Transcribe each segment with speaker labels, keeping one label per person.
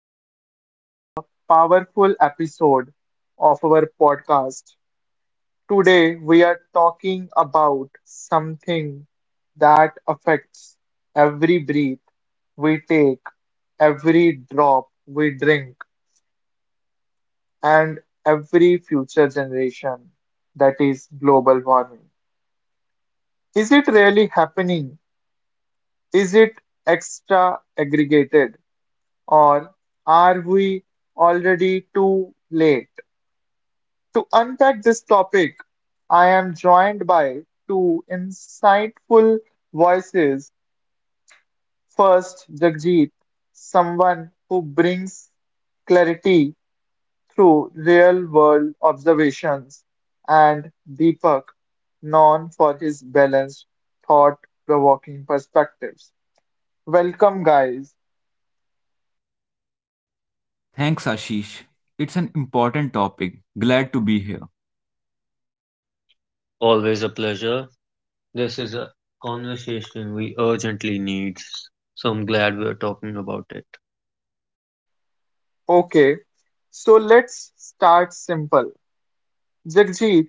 Speaker 1: Welcome to the powerful episode of our podcast. Today we are talking about something that affects every breath we take, every drop we drink, and every future generation that is global warming. Is it really happening? Is it extra aggregated or are we already too late? To unpack this topic, I am joined by two insightful voices. First, Jagjit, someone who brings clarity through real world observations, and Deepak, known for his balanced, thought provoking perspectives. Welcome, guys.
Speaker 2: Thanks, Ashish. It's an important topic. Glad to be here.
Speaker 3: Always a pleasure. This is a conversation we urgently need, so I'm glad we're talking about it.
Speaker 1: Okay, so let's start simple. Jagjit,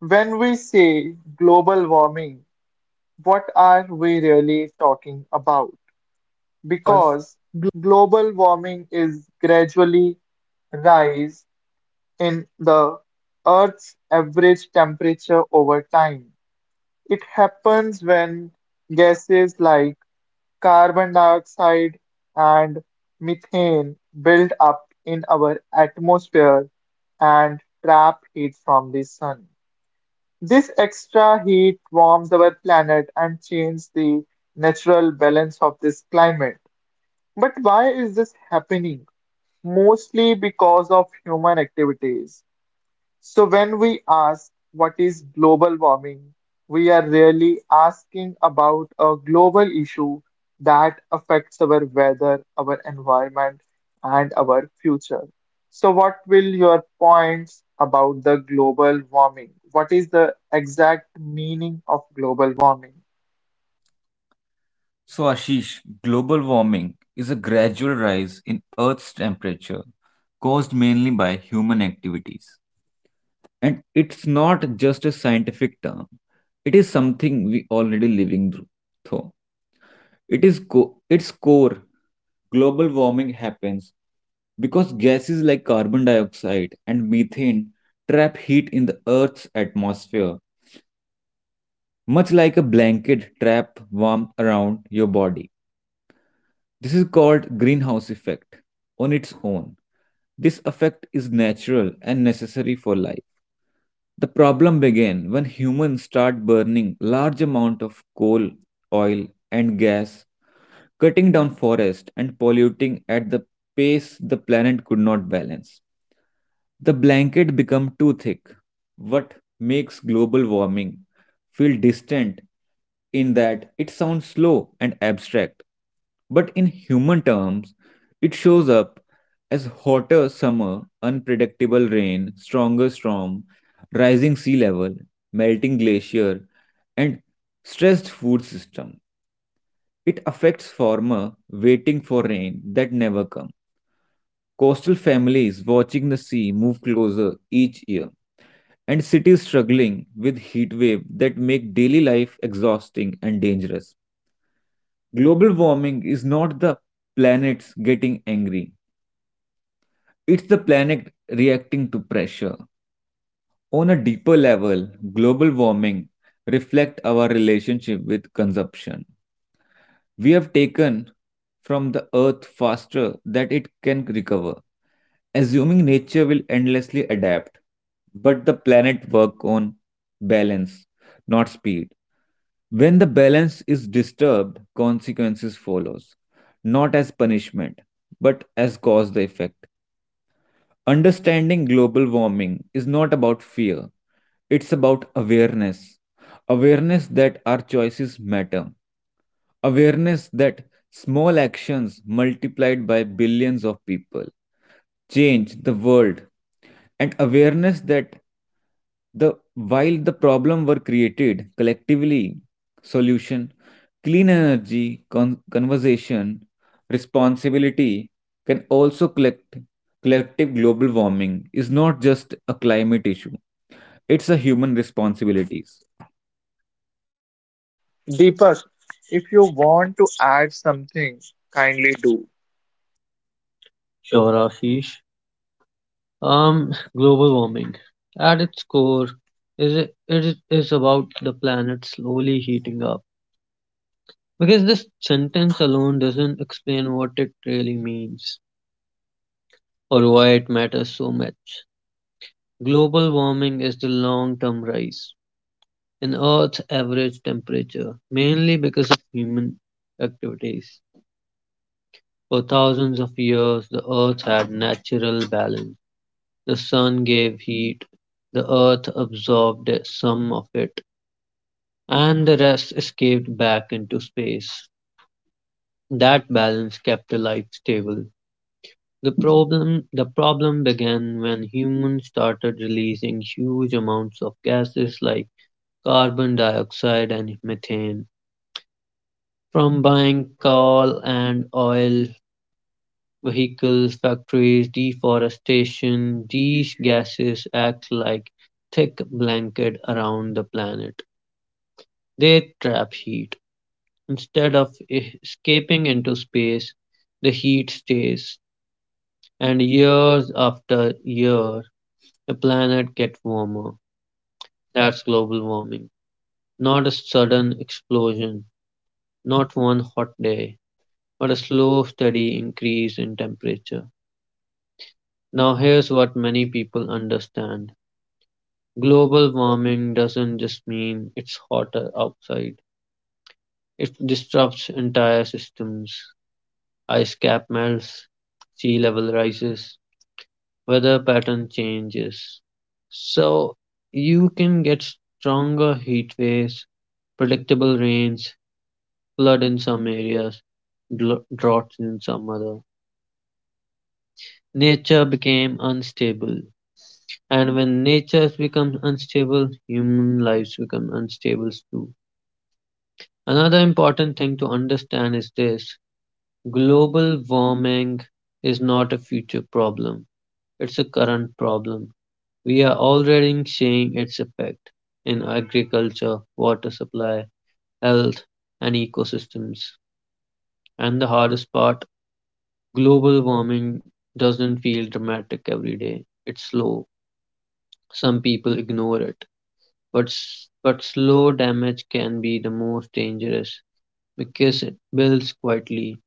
Speaker 1: when we say global warming, what are we really talking about?
Speaker 2: Because
Speaker 1: Because global warming is gradually rise in the Earth's average temperature over time. It happens when gases like carbon dioxide and methane build up in our atmosphere and trap heat from the sun. This extra heat warms our planet and changes the natural balance of this climate. But why is this happening? Mostly because of human activities. So when we ask what is global warming, we are really asking about a global issue that affects our weather, our environment, and our future. So what will your points about the global warming? What is the exact meaning of global warming?
Speaker 2: So, Ashish, global warming is a gradual rise in Earth's temperature caused mainly by human activities. And it's not just a scientific term, it is something we already living through. So, its core, global warming happens because gases like carbon dioxide and methane trap heat in the Earth's atmosphere much like a blanket trap warm around your body. This is called greenhouse effect on its own. This effect is natural and necessary for life. The problem began when humans start burning large amount of coal, oil and gas, cutting down forest and polluting at the pace the planet could not balance. The blanket become too thick, what makes global warming feel distant in that it sounds slow and abstract, but in human terms, it shows up as hotter summer, unpredictable rain, stronger storm, rising sea level, melting glacier, and stressed food system. It affects farmer waiting for rain that never come. Coastal families watching the sea move closer each year and cities struggling with heat wave that make daily life exhausting and dangerous. Global warming is not the planets getting angry. It's the planet reacting to pressure. On a deeper level, global warming reflect our relationship with consumption. We have taken from the earth faster that it can recover, assuming nature will endlessly adapt. But the planet work on balance, not speed. When the balance is disturbed, consequences follows, not as punishment, but as cause the effect. Understanding global warming is not about fear, it's about awareness. Awareness that our choices matter. Awareness that small actions multiplied by billions of people change the world. And awareness that the while the problem were created collectively, solution, clean energy, conversation, responsibility can also collect collective global warming is not just a climate issue, it's a human responsibilities.
Speaker 1: Deepak, if you want to add something, kindly do.
Speaker 3: Sure, Ashish. Global warming, At its core, it is about the planet slowly heating up. Because this sentence alone doesn't explain what it really means or why it matters so much. Global warming is the long term rise in Earth's average temperature, mainly because of human activities. For thousands of years, the earth had natural balance. The sun gave heat, the earth absorbed some of it, and the rest escaped back into space. That balance kept the life stable. The problem began when humans started releasing huge amounts of gases like carbon dioxide and methane. From buying coal and oil, vehicles, factories, deforestation, these gases act like thick blanket around the planet. They trap heat. Instead of escaping into space, the heat stays. And years after year, the planet gets warmer. That's global warming. Not a sudden explosion, not one hot day, but a slow, steady increase in temperature. Now, here's what many people understand. Global warming doesn't just mean it's hotter outside. It disrupts entire systems. Ice cap melts, sea level rises, weather pattern changes. So you can get stronger heat waves, predictable rains, flood in some areas, droughts in some other. Nature became unstable. And when nature becomes unstable, human lives become unstable too. Another important thing to understand is this: global warming is not a future problem, it's a current problem. We are already seeing its effect in agriculture, water supply, health, and ecosystems. And the hardest part, global warming doesn't feel dramatic every day, it's slow. Some people ignore it. But slow damage can be the most dangerous because it builds quietly.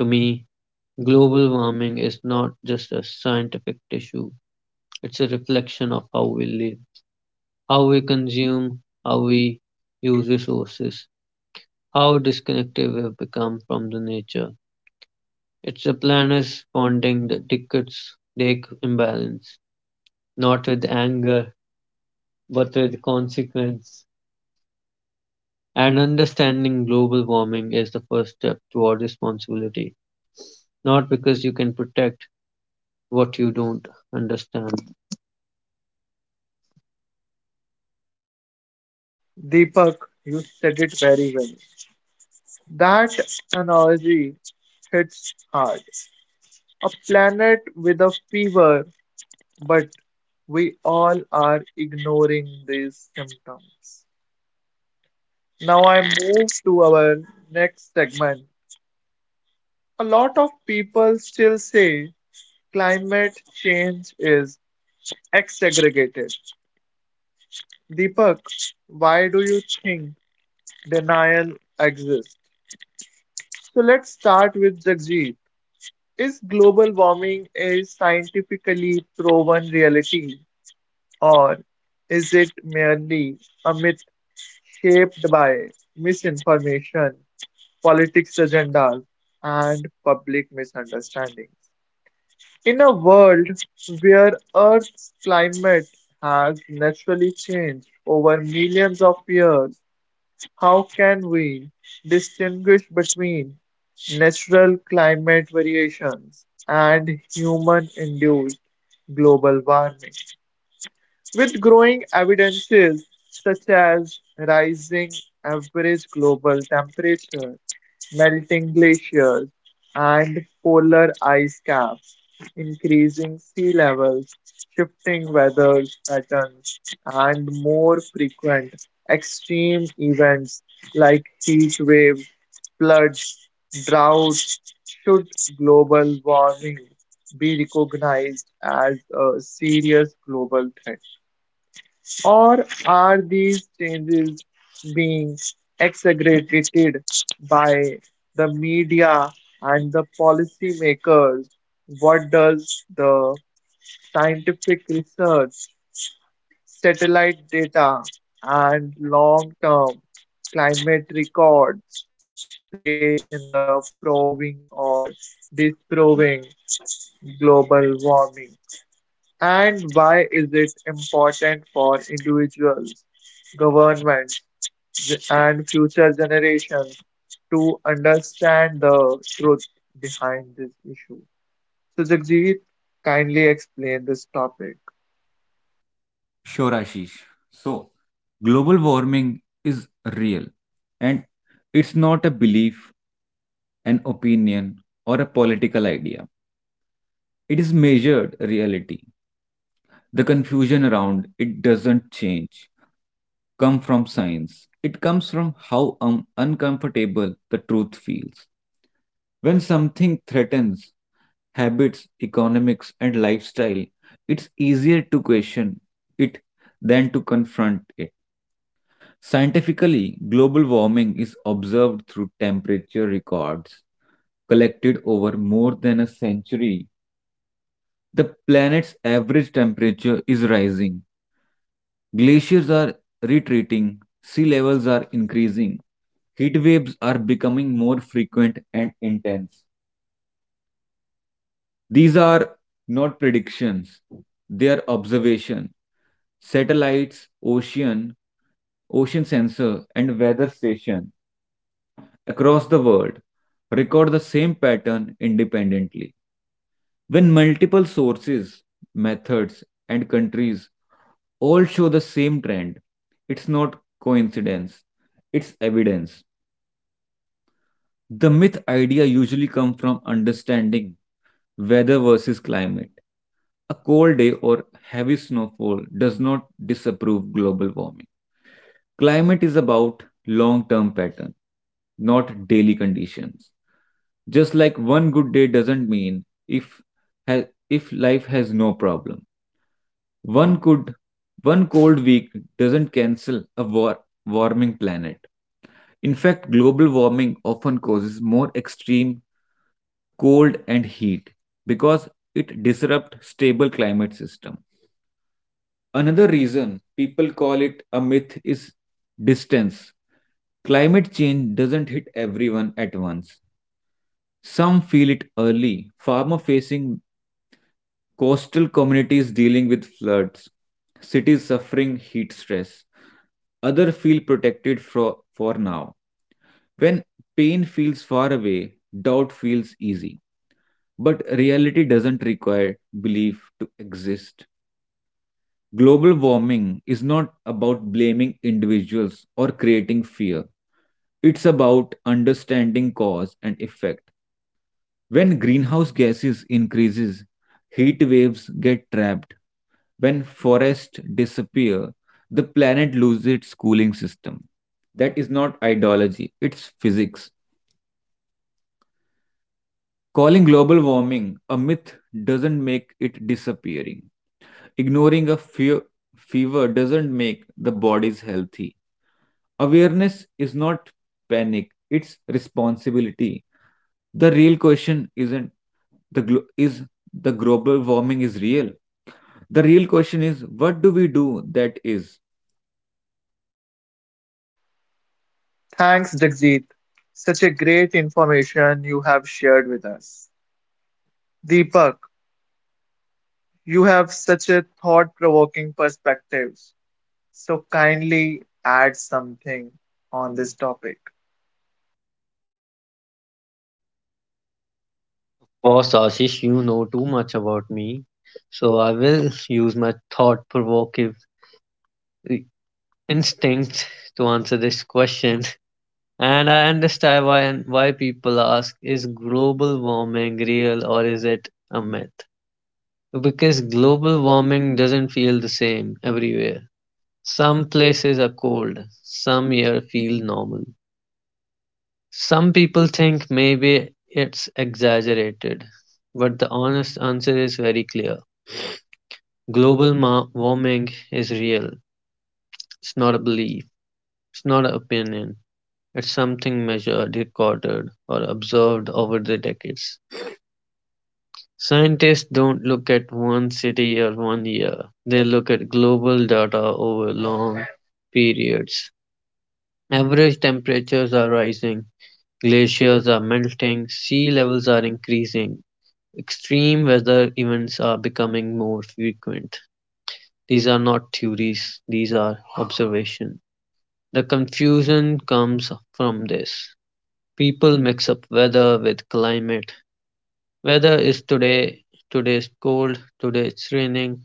Speaker 3: To me, global warming is not just a scientific issue, it's a reflection of how we live, how we consume, how we use resources, how disconnected we have become from the nature. It's the planet's responding that dictates take imbalance, not with anger, but with consequence. And understanding global warming is the first step toward responsibility, not because you can protect what you don't understand.
Speaker 1: Deepak, you said it very well. That analogy hits hard. A planet with a fever, but we all are ignoring these symptoms. Now I move to our next segment. A lot of people still say climate change is exaggerated. Deepak, why do you think denial exists? So let's start with Jagjit. Is global warming a scientifically proven reality, or is it merely a myth shaped by misinformation, politics agendas, and public misunderstandings? In a world where Earth's climate has naturally changed over millions of years, how can we distinguish between natural climate variations and human-induced global warming? With growing evidences such as rising average global temperature, melting glaciers, and polar ice caps, increasing sea levels, shifting weather patterns, and more frequent extreme events like heat waves, floods, droughts, should global warming be recognized as a serious global threat? Or are these changes being exaggerated by the media and the policymakers? What does the scientific research, satellite data, and long term climate records play in the proving or disproving global warming? And why is it important for individuals, governments, and future generations to understand the truth behind this issue? So, Jagjeet, kindly explain this topic.
Speaker 2: Sure, Ashish. So, global warming is real and it's not a belief, an opinion, or a political idea. It is measured reality. The confusion around it doesn't change, come from science. It comes from how uncomfortable the truth feels. When something threatens habits, economics, and lifestyle, it's easier to question it than to confront it. Scientifically, global warming is observed through temperature records collected over more than a century. The planet's average temperature is rising. Glaciers are retreating. Sea levels are increasing. Heat waves are becoming more frequent and intense. These are not predictions, they are observation. Satellites, ocean sensor, and weather station across the world record the same pattern independently. When multiple sources, methods, and countries all show the same trend, it's not coincidence, it's evidence. The myth idea usually comes from understanding weather versus climate. A cold day or heavy snowfall does not disapprove global warming. Climate is about long term pattern, not daily conditions. Just like one good day doesn't mean ha- if life has no problem. One could one cold week doesn't cancel a warming planet. In fact, global warming often causes more extreme cold and heat because it disrupts stable climate system. Another reason people call it a myth is distance. Climate change doesn't hit everyone at once. Some feel it early. Farmer facing coastal communities dealing with floods, cities suffering heat stress. Other feel protected for now. When pain feels far away, doubt feels easy. But reality doesn't require belief to exist. Global warming is not about blaming individuals or creating fear. It's about understanding cause and effect. When greenhouse gases increases, heat waves get trapped. When forests disappear, the planet loses its cooling system. That is not ideology, it's physics. Calling global warming a myth doesn't make it disappearing. Ignoring a fear, fever doesn't make the bodies healthy. Awareness is not panic, it's responsibility. The real question isn't the glo- is the global warming is real. The real question is what do we do that is.
Speaker 1: Thanks, Jagjeet. Such a great information you have shared with us. Deepak, you have such a thought-provoking perspectives. So kindly add something on this topic.
Speaker 3: Boss Ashish, you know too much about me, so I will use my thought provocative instincts to answer this question. And I understand why people ask, is global warming real or is it a myth? Because global warming doesn't feel the same everywhere. Some places are cold, some year feel normal. Some people think maybe it's exaggerated, but the honest answer is very clear. Global warming is real. It's not a belief, it's not an opinion. It's something measured, recorded, or observed over the decades. Scientists don't look at one city or one year, they look at global data over long periods. Average temperatures are rising, glaciers are melting, sea levels are increasing, extreme weather events are becoming more frequent. These are not theories, these are observations. The confusion comes from this. People mix up weather with climate. Weather is today, today's cold, today's raining.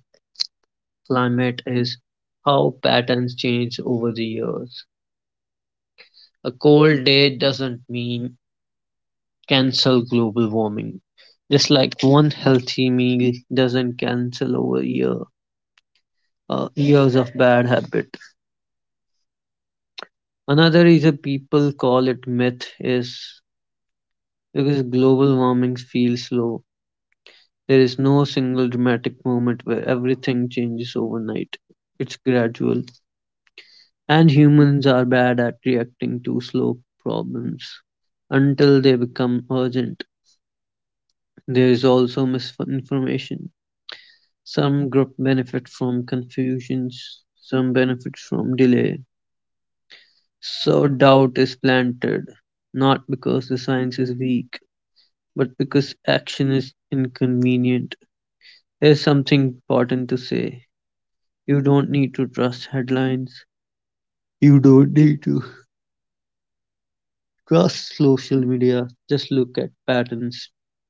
Speaker 3: Climate is how patterns change over the years. A cold day doesn't mean cancel global warming. Just like one healthy meal doesn't cancel over year, years of bad habit. Another reason people call it myth is because global warming feels slow. There is no single dramatic moment where everything changes overnight. It's gradual, and humans are bad at reacting to slow problems until they become urgent. There is also misinformation. Some groups benefit from confusions, some benefit from delay. So doubt is planted, not because the science is weak, but because action is inconvenient. There's something important to say. You don't need to trust headlines. You don't need to trust social media. Just look at patterns: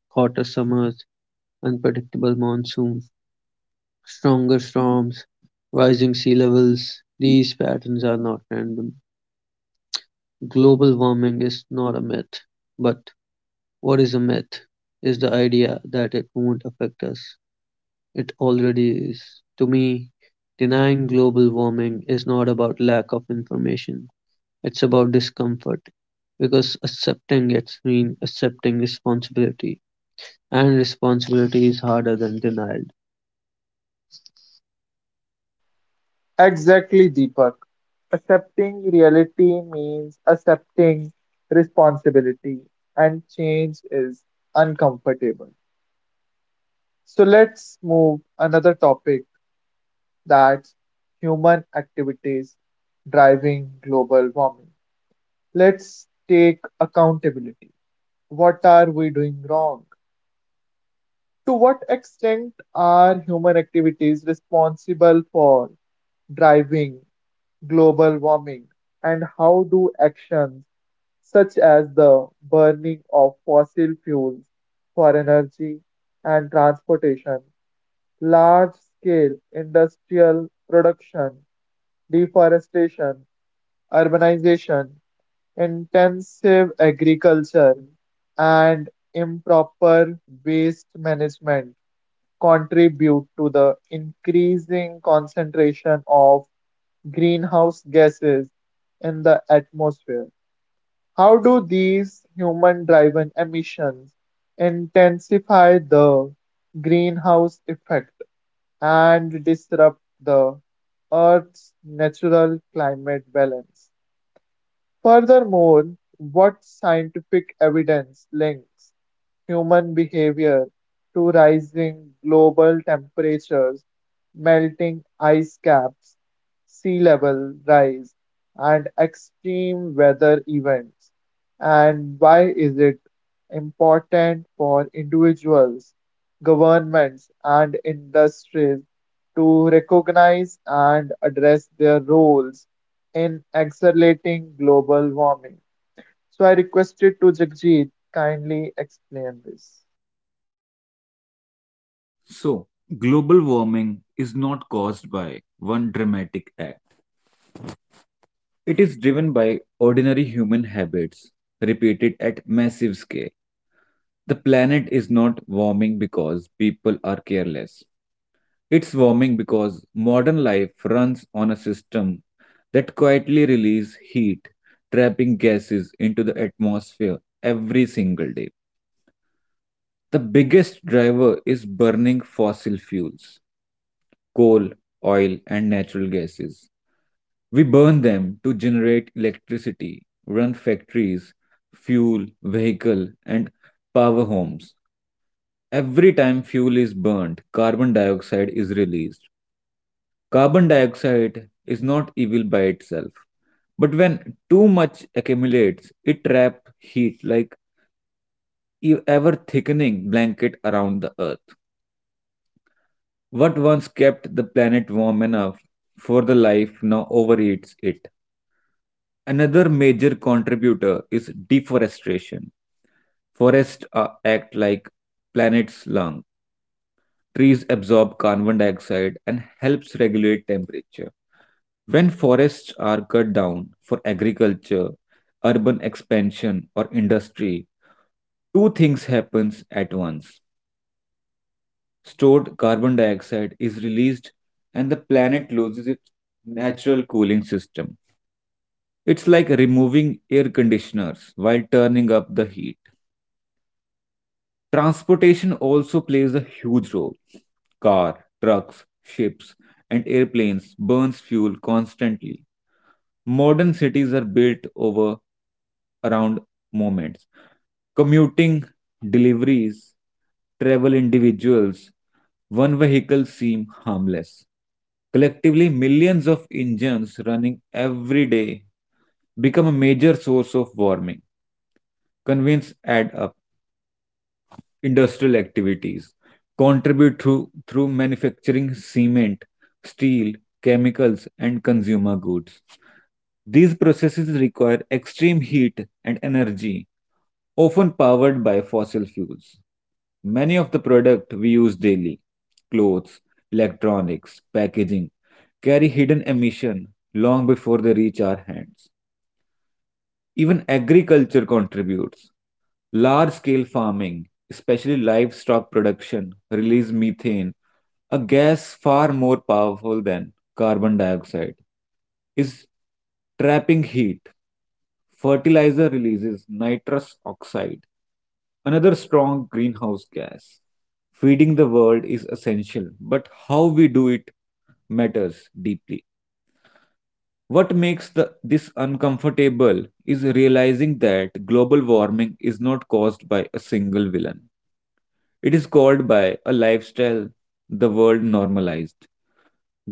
Speaker 3: hotter summers, unpredictable monsoons, stronger storms, rising sea levels. These patterns are not random. Global warming is not a myth. But what is a myth? Is the idea that it won't affect us. It already is. To me, denying global warming is not about lack of information. It's about discomfort because accepting it means accepting responsibility, and responsibility is harder than denial.
Speaker 1: Exactly, Deepak. Accepting reality means accepting responsibility, and change is uncomfortable. So let's move another topic that's human activities driving global warming. Let's take accountability. What are we doing wrong? To what extent are human activities responsible for driving global warming, and how do actions such as the burning of fossil fuels for energy and transportation, large-scale industrial production, deforestation, urbanization, intensive agriculture, and improper waste management contribute to the increasing concentration of greenhouse gases in the atmosphere? How do these human driven emissions intensify the greenhouse effect and disrupt the Earth's natural climate balance? Furthermore, what scientific evidence links human behavior to rising global temperatures, melting ice caps, sea level rise, and extreme weather events? And why is it important for individuals, governments, and industries to recognize and address their roles in accelerating global warming? So I requested to Jagjit kindly explain this.
Speaker 2: So, global warming is not caused by one dramatic act. It is driven by ordinary human habits repeated at massive scale. The planet is not warming because people are careless. It's warming because modern life runs on a system that quietly releases heat, trapping gases into the atmosphere every single day. The biggest driver is burning fossil fuels, coal, oil, and natural gases. We burn them to generate electricity, run factories, fuel, vehicle, and power homes. Every time fuel is burned, carbon dioxide is released. Carbon dioxide is not evil by itself, but when too much accumulates, it traps heat like ever thickening blanket around the earth. What once kept the planet warm enough for the life now overeats it. Another major contributor is deforestation. Forests act like planet's lung. Trees absorb carbon dioxide and helps regulate temperature. When forests are cut down for agriculture, urban expansion or industry, two things happens at once. Stored carbon dioxide is released and the planet loses its natural cooling system. It's like removing air conditioners while turning up the heat. Transportation also plays a huge role. Car, trucks, ships, and airplanes burns fuel constantly. Modern cities are built over around moments commuting, deliveries, travel individuals, one vehicle seem harmless. Collectively, millions of engines running every day become a major source of warming. Convenience add up industrial activities, contribute through manufacturing cement, steel, chemicals, and consumer goods. These processes require extreme heat and energy, often powered by fossil fuels. Many of the products we use daily, clothes, electronics, packaging, carry hidden emission long before they reach our hands. Even agriculture contributes. Large scale farming, especially livestock production, release methane, a gas far more powerful than carbon dioxide, is trapping heat. Fertilizer releases nitrous oxide, another strong greenhouse gas. Feeding the world is essential, but how we do it matters deeply. What makes this uncomfortable is realizing that global warming is not caused by a single villain. It is caused by a lifestyle the world normalized.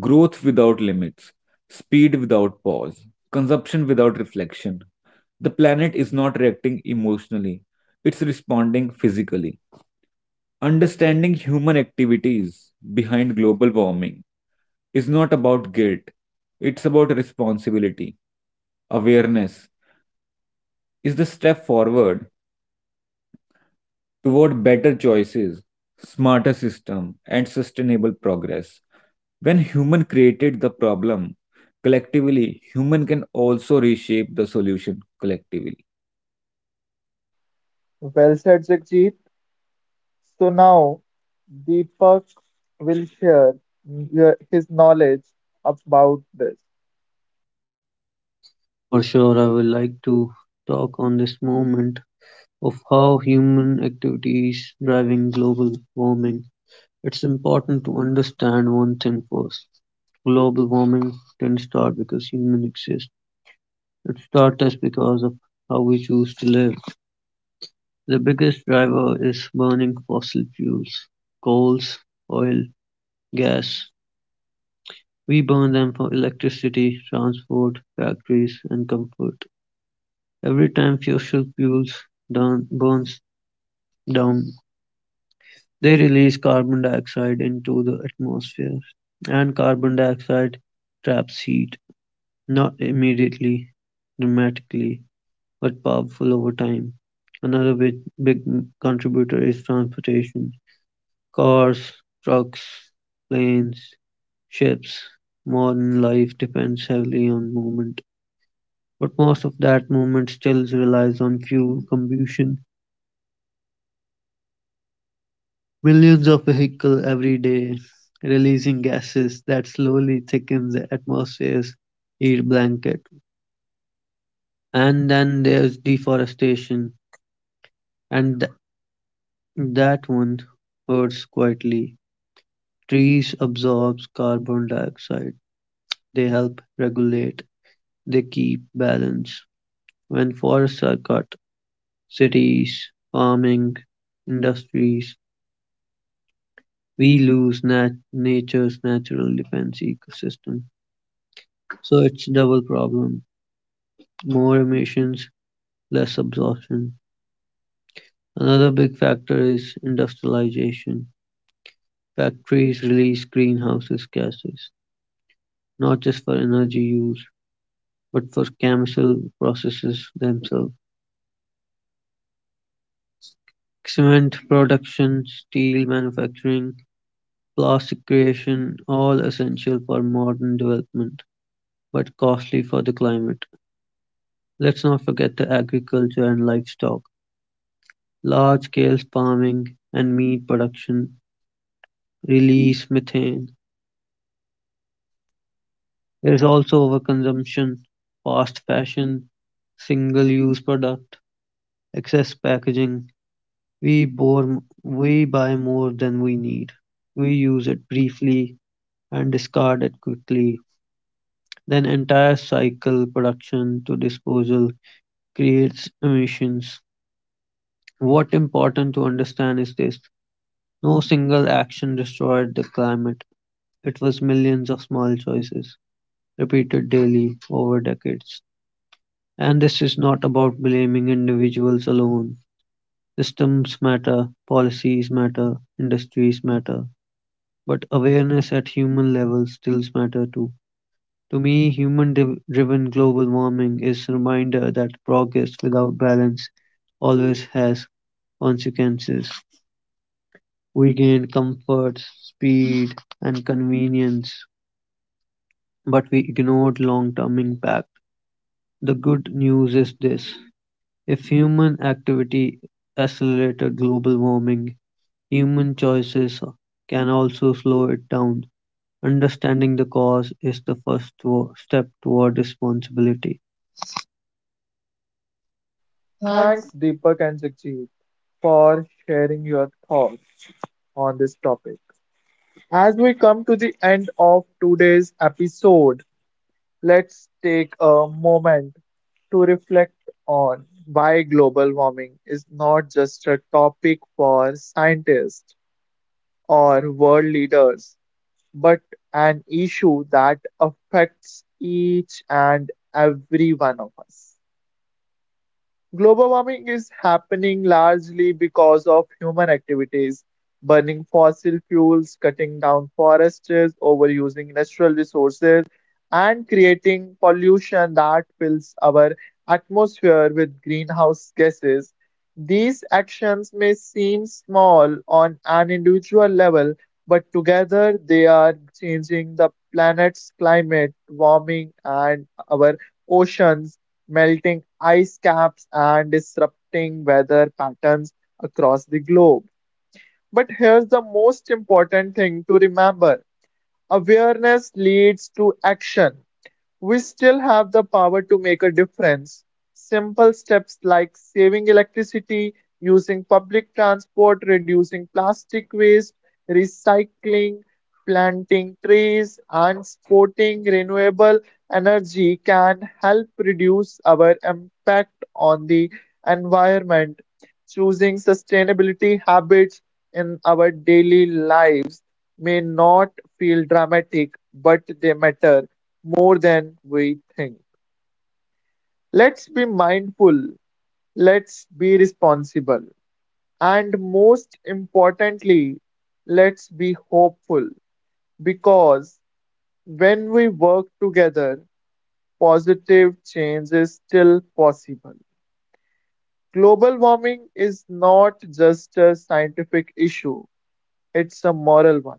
Speaker 2: Growth without limits, speed without pause, consumption without reflection. The planet is not reacting emotionally, it's responding physically. Understanding human activities behind global warming is not about guilt, it's about responsibility. Awareness is the step forward toward better choices, smarter system, and sustainable progress. When human created the problem collectively, human can also reshape the solution collectively.
Speaker 1: Well said, Jagjit. So now Deepak will share his knowledge about this.
Speaker 3: For sure, I would like to talk on this moment of how human activities driving global warming. It's important to understand one thing first. Global warming didn't start because humans exist. It started because of how we choose to live. The biggest driver is burning fossil fuels, coals, oil, gas. We burn them for electricity, transport, factories and comfort. Every time fossil fuels down, burns down, they release carbon dioxide into the atmosphere, and carbon dioxide traps heat, not immediately, dramatically, but powerful over time. Another big contributor is transportation. Cars, trucks, planes, ships, modern life depends heavily on movement, but most of that movement still relies on fuel combustion. Millions of vehicles every day releasing gases that slowly thicken the atmosphere's heat blanket. And then there's deforestation, and that one hurts quietly. Trees absorb carbon dioxide. They help regulate. They keep balance. When forests are cut, cities, farming, industries, we lose nature's natural defense ecosystem. So it's double problem. More emissions, less absorption. Another big factor is industrialization. Factories release greenhouse gases, not just for energy use, but for chemical processes themselves. Cement production, steel manufacturing, plastic creation, all essential for modern development, but costly for the climate. Let's not forget the agriculture and livestock. Large scale farming and meat production release methane. There is also overconsumption, fast fashion, single use product, excess packaging. We buy more than we need. We use it briefly and discard it quickly. Then entire cycle production to disposal creates emissions. What important to understand is this: no single action destroyed the climate; it was millions of small choices, repeated daily, over decades. And this is not about blaming individuals alone. Systems matter, policies matter, industries matter. But awareness at human level still matter too. To me, human driven global warming is a reminder that progress without balance always has consequences. We gain comfort, speed, and convenience, but we ignored long-term impact. The good news is this: if human activity accelerated global warming, human choices can also slow it down. Understanding the cause is the first step toward responsibility.
Speaker 1: Thanks, Deepak and Jagjit, for sharing your thoughts on this topic. As we come to the end of today's episode, let's take a moment to reflect on why global warming is not just a topic for scientists or world leaders, but an issue that affects each and every one of us. Global warming is happening largely because of human activities. Burning fossil fuels, cutting down forests, overusing natural resources, and creating pollution that fills our atmosphere with greenhouse gases. These actions may seem small on an individual level, but together they are changing the planet's climate, warming, and our oceans melting ice caps and disrupting weather patterns across the globe. But here's the most important thing to remember awareness leads to action. We still have the power to make a difference. Simple steps like saving electricity, using public transport, reducing plastic waste, recycling, planting trees, and supporting renewable energy can help reduce our impact on the environment. Choosing sustainability habits in our daily lives may not feel dramatic, but they matter more than we think. Let's be mindful, let's be responsible, and most importantly, let's be hopeful because when we work together, positive change is still possible. Global warming is not just a scientific issue, it's a moral one.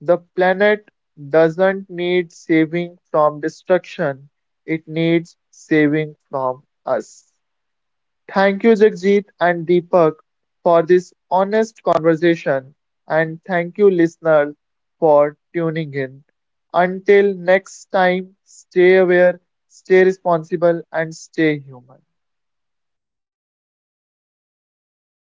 Speaker 1: The planet doesn't need saving from destruction, it needs saving from us. Thank you Jagjit and Deepak for this honest conversation and thank you listeners for tuning in. Until next time, stay aware, stay responsible and stay human.